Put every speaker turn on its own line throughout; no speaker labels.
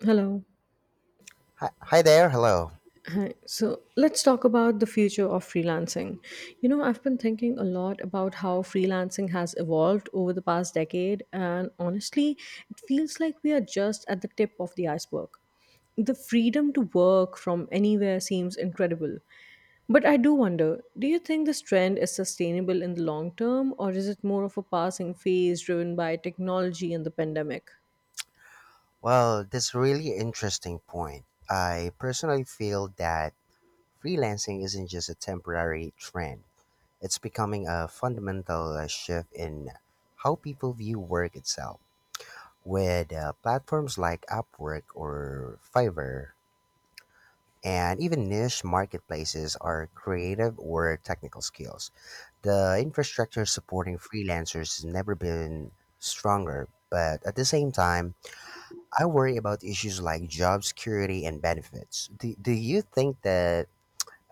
Hello.
Hi, hi there. Hello.
Hi. So let's talk about the future of freelancing. I've been thinking a lot about how freelancing has evolved over the past decade, and honestly, it feels like we are just at the tip of the iceberg. The freedom to work from anywhere seems incredible. But I do wonder, do you think this trend is sustainable in the long term, or is it more of a passing phase driven by technology and the pandemic?
Well, that's a really interesting point. I personally feel that freelancing isn't just a temporary trend. It's becoming a fundamental shift in how people view work itself. With platforms like Upwork or Fiverr, and even niche marketplaces are creative or technical skills. The infrastructure supporting freelancers has never been stronger, but at the same time, I worry about issues like job security and benefits. Do you think that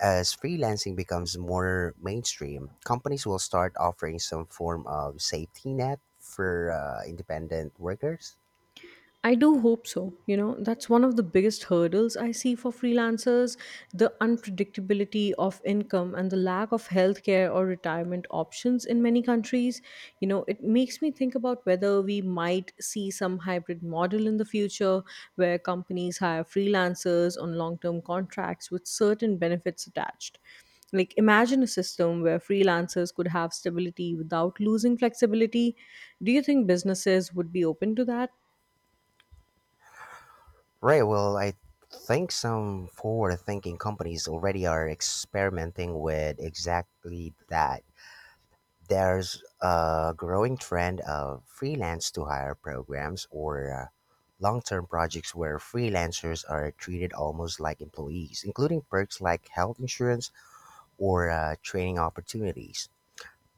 as freelancing becomes more mainstream, companies will start offering some form of safety net for independent workers?
I do hope so. That's one of the biggest hurdles I see for freelancers, the unpredictability of income and the lack of healthcare or retirement options in many countries. It makes me think about whether we might see some hybrid model in the future where companies hire freelancers on long term contracts with certain benefits attached. Like, imagine a system where freelancers could have stability without losing flexibility. Do you think businesses would be open to that?
Right. Well, I think some forward thinking companies already are experimenting with exactly that. There's a growing trend of freelance to hire programs or long term projects where freelancers are treated almost like employees, including perks like health insurance or training opportunities.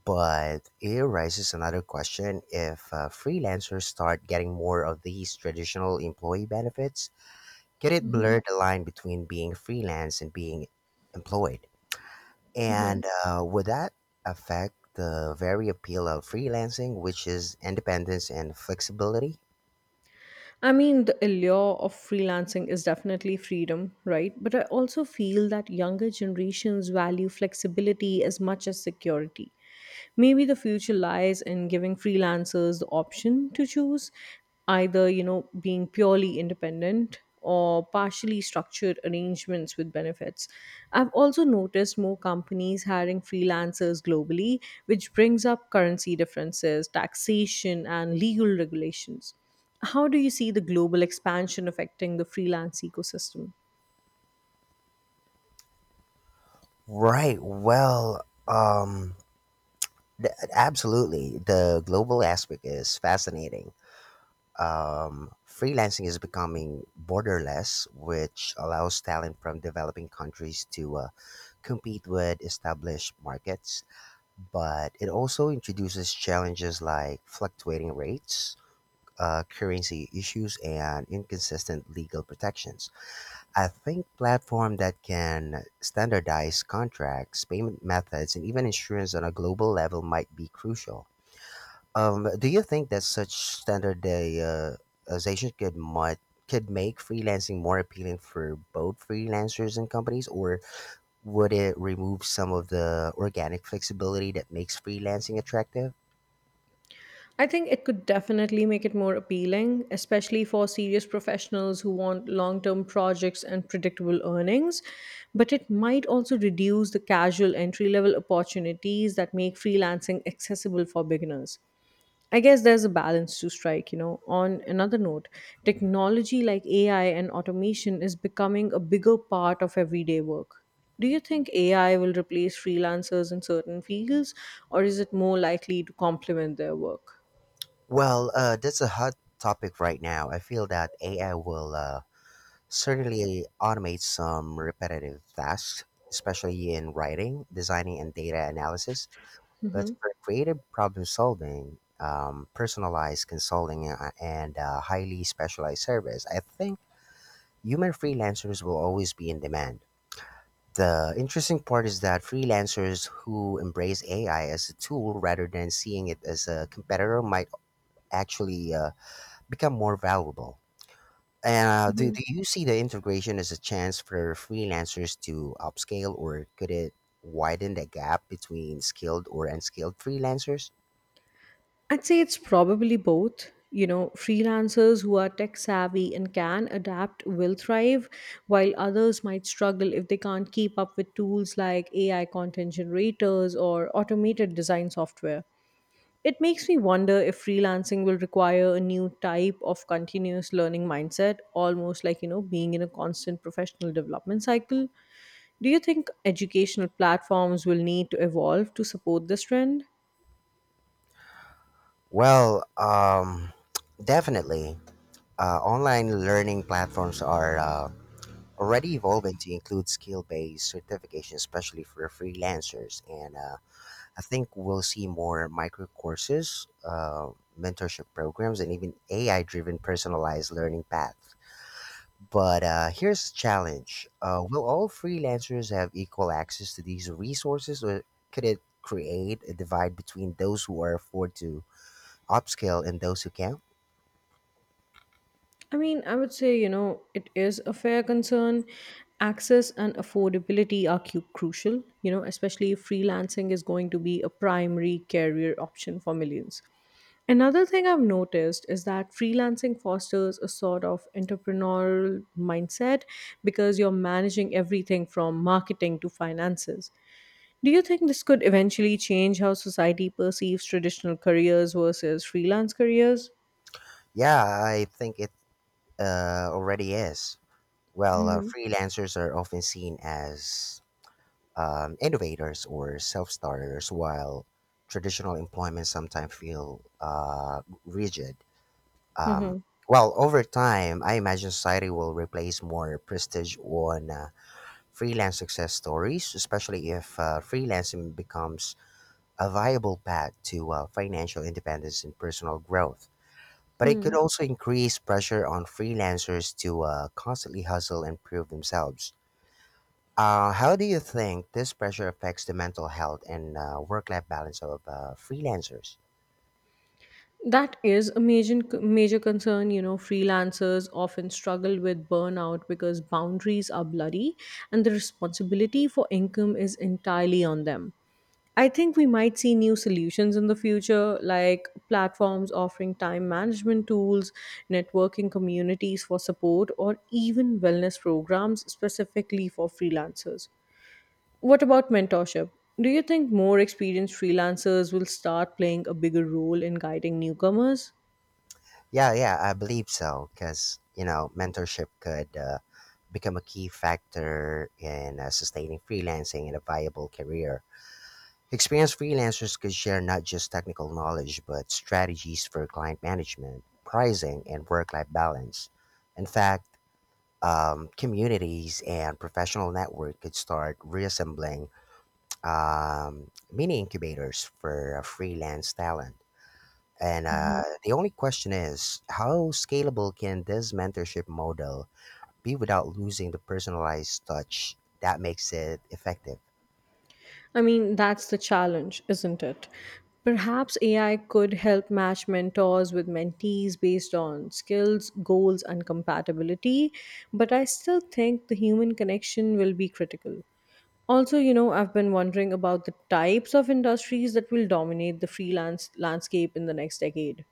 But it raises another question if freelancers start getting more of these traditional employee benefits, could it blur the line between being freelance and being employed? And would that affect the very appeal of freelancing, which is independence and flexibility?
I mean, the allure of freelancing is definitely freedom, right? But I also feel that younger generations value flexibility as much as security. Maybe the future lies in giving freelancers the option to choose either, being purely independent or partially structured arrangements with benefits. I've also noticed more companies hiring freelancers globally, which brings up currency differences, taxation, and legal regulations. How do you see the global expansion affecting the freelance ecosystem?
Right. Absolutely. The global aspect is fascinating. Freelancing is becoming borderless, which allows talent from developing countries to compete with established markets. But it also introduces challenges like fluctuating rates, currency issues and inconsistent legal protections. I think platform that can standardize contracts, payment methods, and even insurance on a global level might be crucial. Do you think that such standardization could make freelancing more appealing for both freelancers and companies, or would it remove some of the organic flexibility that makes freelancing attractive?
I think it could definitely make it more appealing, especially for serious professionals who want long term projects and predictable earnings. But it might also reduce the casual entry level opportunities that make freelancing accessible for beginners. I guess there's a balance to strike. On another note, technology like AI and automation is becoming a bigger part of everyday work. Do you think AI will replace freelancers in certain fields, or is it more likely to complement their work?
Well, that's a hot topic right now. I feel that AI will certainly automate some repetitive tasks, especially in writing, designing, and data analysis. But for creative problem solving, personalized consulting, and highly specialized service, I think human freelancers will always be in demand. The interesting part is that freelancers who embrace AI as a tool rather than seeing it as a competitor might actually become more valuable. And uh, do,
Mhm.
do you see the integration as a chance for freelancers to upscale, or could it widen the gap between skilled or unskilled freelancers?
I'd say it's probably both. Freelancers who are tech savvy and can adapt will thrive, while others might struggle if they can't keep up with tools like AI content generators or automated design software. It makes me wonder if freelancing will require a new type of continuous learning mindset, almost like, being in a constant professional development cycle. Do you think educational platforms will need to evolve to support this trend?
Well, definitely. Online learning platforms are already evolving to include skill based certification, especially for freelancers. And I think we'll see more micro courses, mentorship programs, and even AI driven personalized learning paths. But here's the challenge will all freelancers have equal access to these resources, or could it create a divide between those who are afford to upscale and those who can't?
I mean, I would say, it is a fair concern. Access and affordability are crucial, especially if freelancing is going to be a primary career option for millions. Another thing I've noticed is that freelancing fosters a sort of entrepreneurial mindset because you're managing everything from marketing to finances. Do you think this could eventually change how society perceives traditional careers versus freelance careers?
Yeah, I think it already is. Well,
Hmm.
freelancers are often seen as innovators or self starters, while traditional employment sometimes feel rigid. Um,
Hmm.
well, over time, I imagine society will replace more prestige on freelance success stories, especially if freelancing becomes a viable path to financial independence and personal growth. But it could
Hmm.
also increase pressure on freelancers to constantly hustle and prove themselves. How do you think this pressure affects the mental health and work-life balance of freelancers?
That is a major, major concern. Freelancers often struggle with burnout because boundaries are bloody, and the responsibility for income is entirely on them. I think we might see new solutions in the future, like platforms offering time management tools, networking communities for support, or even wellness programs specifically for freelancers. What about mentorship? Do you think more experienced freelancers will start playing a bigger role in guiding newcomers?
Yeah, yeah, I believe so. Because you know, mentorship could become a key factor in sustaining freelancing and a viable career. Experienced freelancers could share not just technical knowledge, but strategies for client management, pricing, and work-life balance. In fact, communities and professional network could start reassembling mini incubators for freelance talent. And
Mhm.
the only question is how scalable can this mentorship model be without losing the personalized touch that makes it effective?
I mean, that's the challenge, isn't it? Perhaps AI could help match mentors with mentees based on skills, goals, and compatibility, but I still think the human connection will be critical. Also, I've been wondering about the types of industries that will dominate the freelance landscape in the next decade.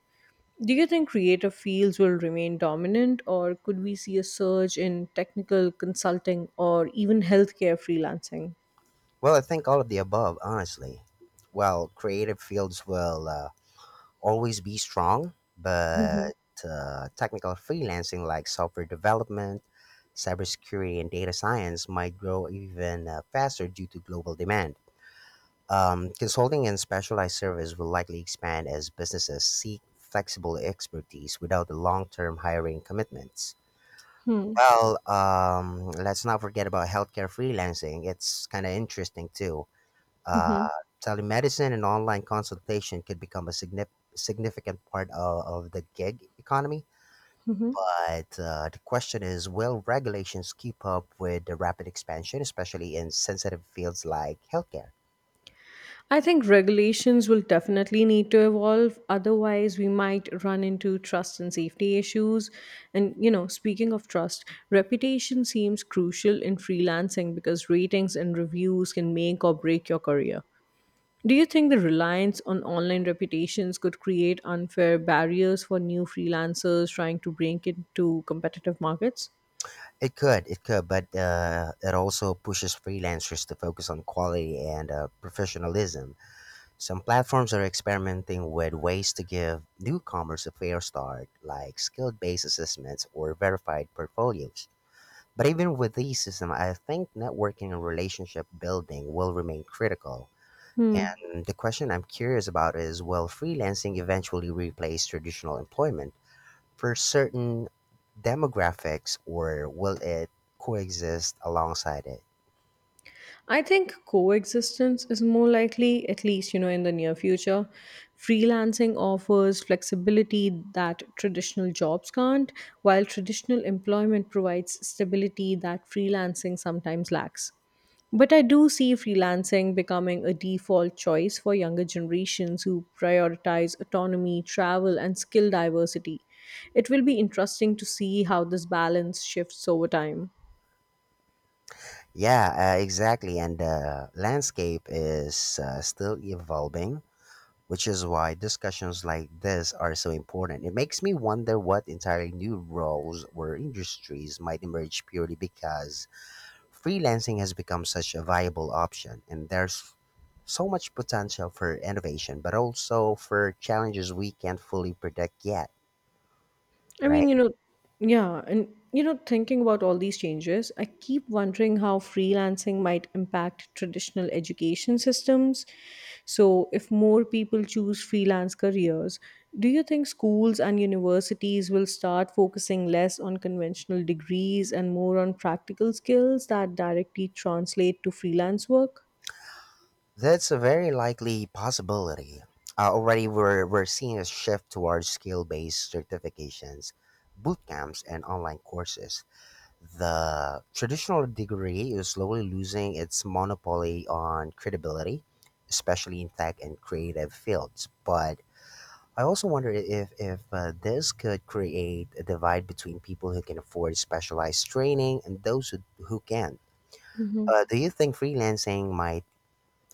Do you think creative fields will remain dominant, or could we see a surge in technical consulting or even healthcare freelancing?
Well, I think all of the above, honestly. Well, creative fields will. Always be strong, but technical freelancing like software development, cybersecurity, and data science might grow even faster due to global demand. Consulting and specialized service will likely expand as businesses seek flexible expertise without the long-term hiring commitments.
Hmm.
Well, let's not forget about healthcare freelancing. It's kind of interesting too. Uh,
Hmm.
Telemedicine and online consultation could become a significant part of the gig economy.
Mhm.
But the question is will regulations keep up with the rapid expansion, especially in sensitive fields like healthcare?
I think regulations will definitely need to evolve. Otherwise, we might run into trust and safety issues. And speaking of trust, reputation seems crucial in freelancing because ratings and reviews can make or break your career. Do you think the reliance on online reputations could create unfair barriers for new freelancers trying to break into competitive markets?
It could, but it also pushes freelancers to focus on quality and professionalism. Some platforms are experimenting with ways to give newcomers a fair start, like skill based assessments or verified portfolios. But even with these systems, I think networking and relationship building will remain critical.
Hmm.
And the question I'm curious about is will freelancing eventually replace traditional employment for certain demographics or will it coexist alongside it?
I think coexistence is more likely, at least, in the near future. Freelancing offers flexibility that traditional jobs can't, while traditional employment provides stability that freelancing sometimes lacks. But I do see freelancing becoming a default choice for younger generations who prioritize autonomy, travel, and skill diversity. It will be interesting to see how this balance shifts over time.
Yeah, exactly. And the landscape is still evolving, which is why discussions like this are so important. It makes me wonder what entirely new roles or industries might emerge purely because freelancing has become such a viable option and there's so much potential for innovation, but also for challenges we can't fully predict yet,
I
right?
mean, yeah, and thinking about all these changes, I keep wondering how freelancing might impact traditional education systems. So, if more people choose freelance careers, do you think schools and universities will start focusing less on conventional degrees and more on practical skills that directly translate to freelance work?
That's a very likely possibility. Already, we're seeing a shift towards skill based certifications, boot camps, and online courses. The traditional degree is slowly losing its monopoly on credibility, especially in tech and creative fields. But I also wonder if this could create a divide between people who can afford specialized training and who can't. Do you think freelancing might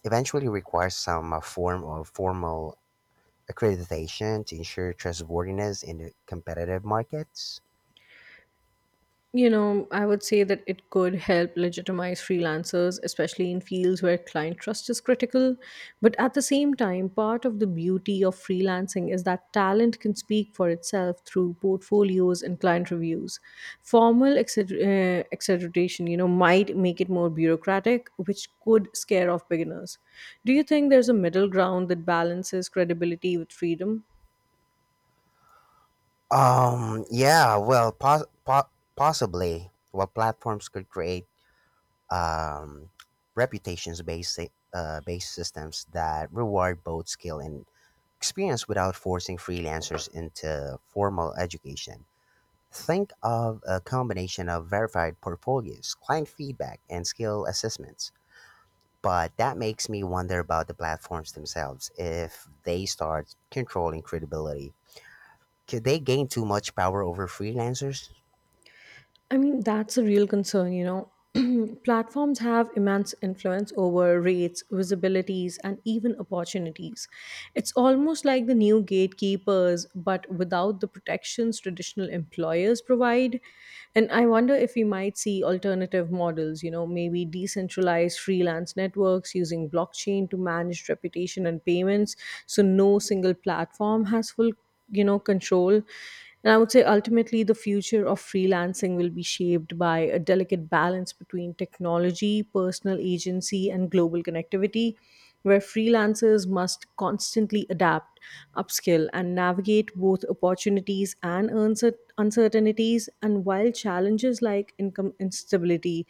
eventually require some form of formal accreditation to ensure trustworthiness in the competitive markets?
I would say that it could help legitimize freelancers, especially in fields where client trust is critical. But at the same time, part of the beauty of freelancing is that talent can speak for itself through portfolios and client reviews. Formal exaggeration, might make it more bureaucratic, which could scare off beginners. Do you think there's a middle ground that balances credibility with freedom?
Yeah, well, possibly. While platforms could create um, reputations based systems that reward both skill and experience without forcing freelancers into formal education. Think of a combination of verified portfolios, client feedback, and skill assessments. But that makes me wonder about the platforms themselves. If they start controlling credibility, could they gain too much power over freelancers?
I mean, that's a real concern. Platforms have immense influence over rates, visibilities, and even opportunities. It's almost like the new gatekeepers, but without the protections traditional employers provide. And I wonder if we might see alternative models, maybe decentralized freelance networks using blockchain to manage reputation and payments. So no single platform has full control. And I would say ultimately the future of freelancing will be shaped by a delicate balance between technology, personal agency, and global connectivity, where freelancers must constantly adapt, upskill, and navigate both opportunities and uncertainties. And while challenges like income instability,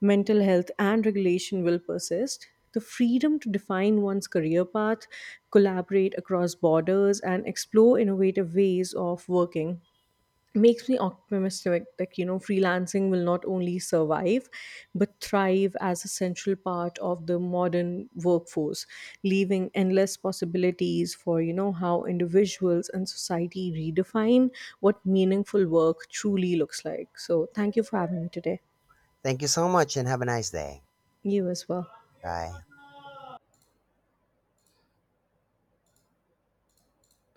mental health, and regulation will persist, the freedom to define one's career path, collaborate across borders, and explore innovative ways of working makes me optimistic that freelancing will not only survive but thrive as a central part of the modern workforce, leaving endless possibilities for how individuals and society redefine what meaningful work truly looks like. So thank you for having me today.
Thank you so much and have a nice day.
You as well.
Bye.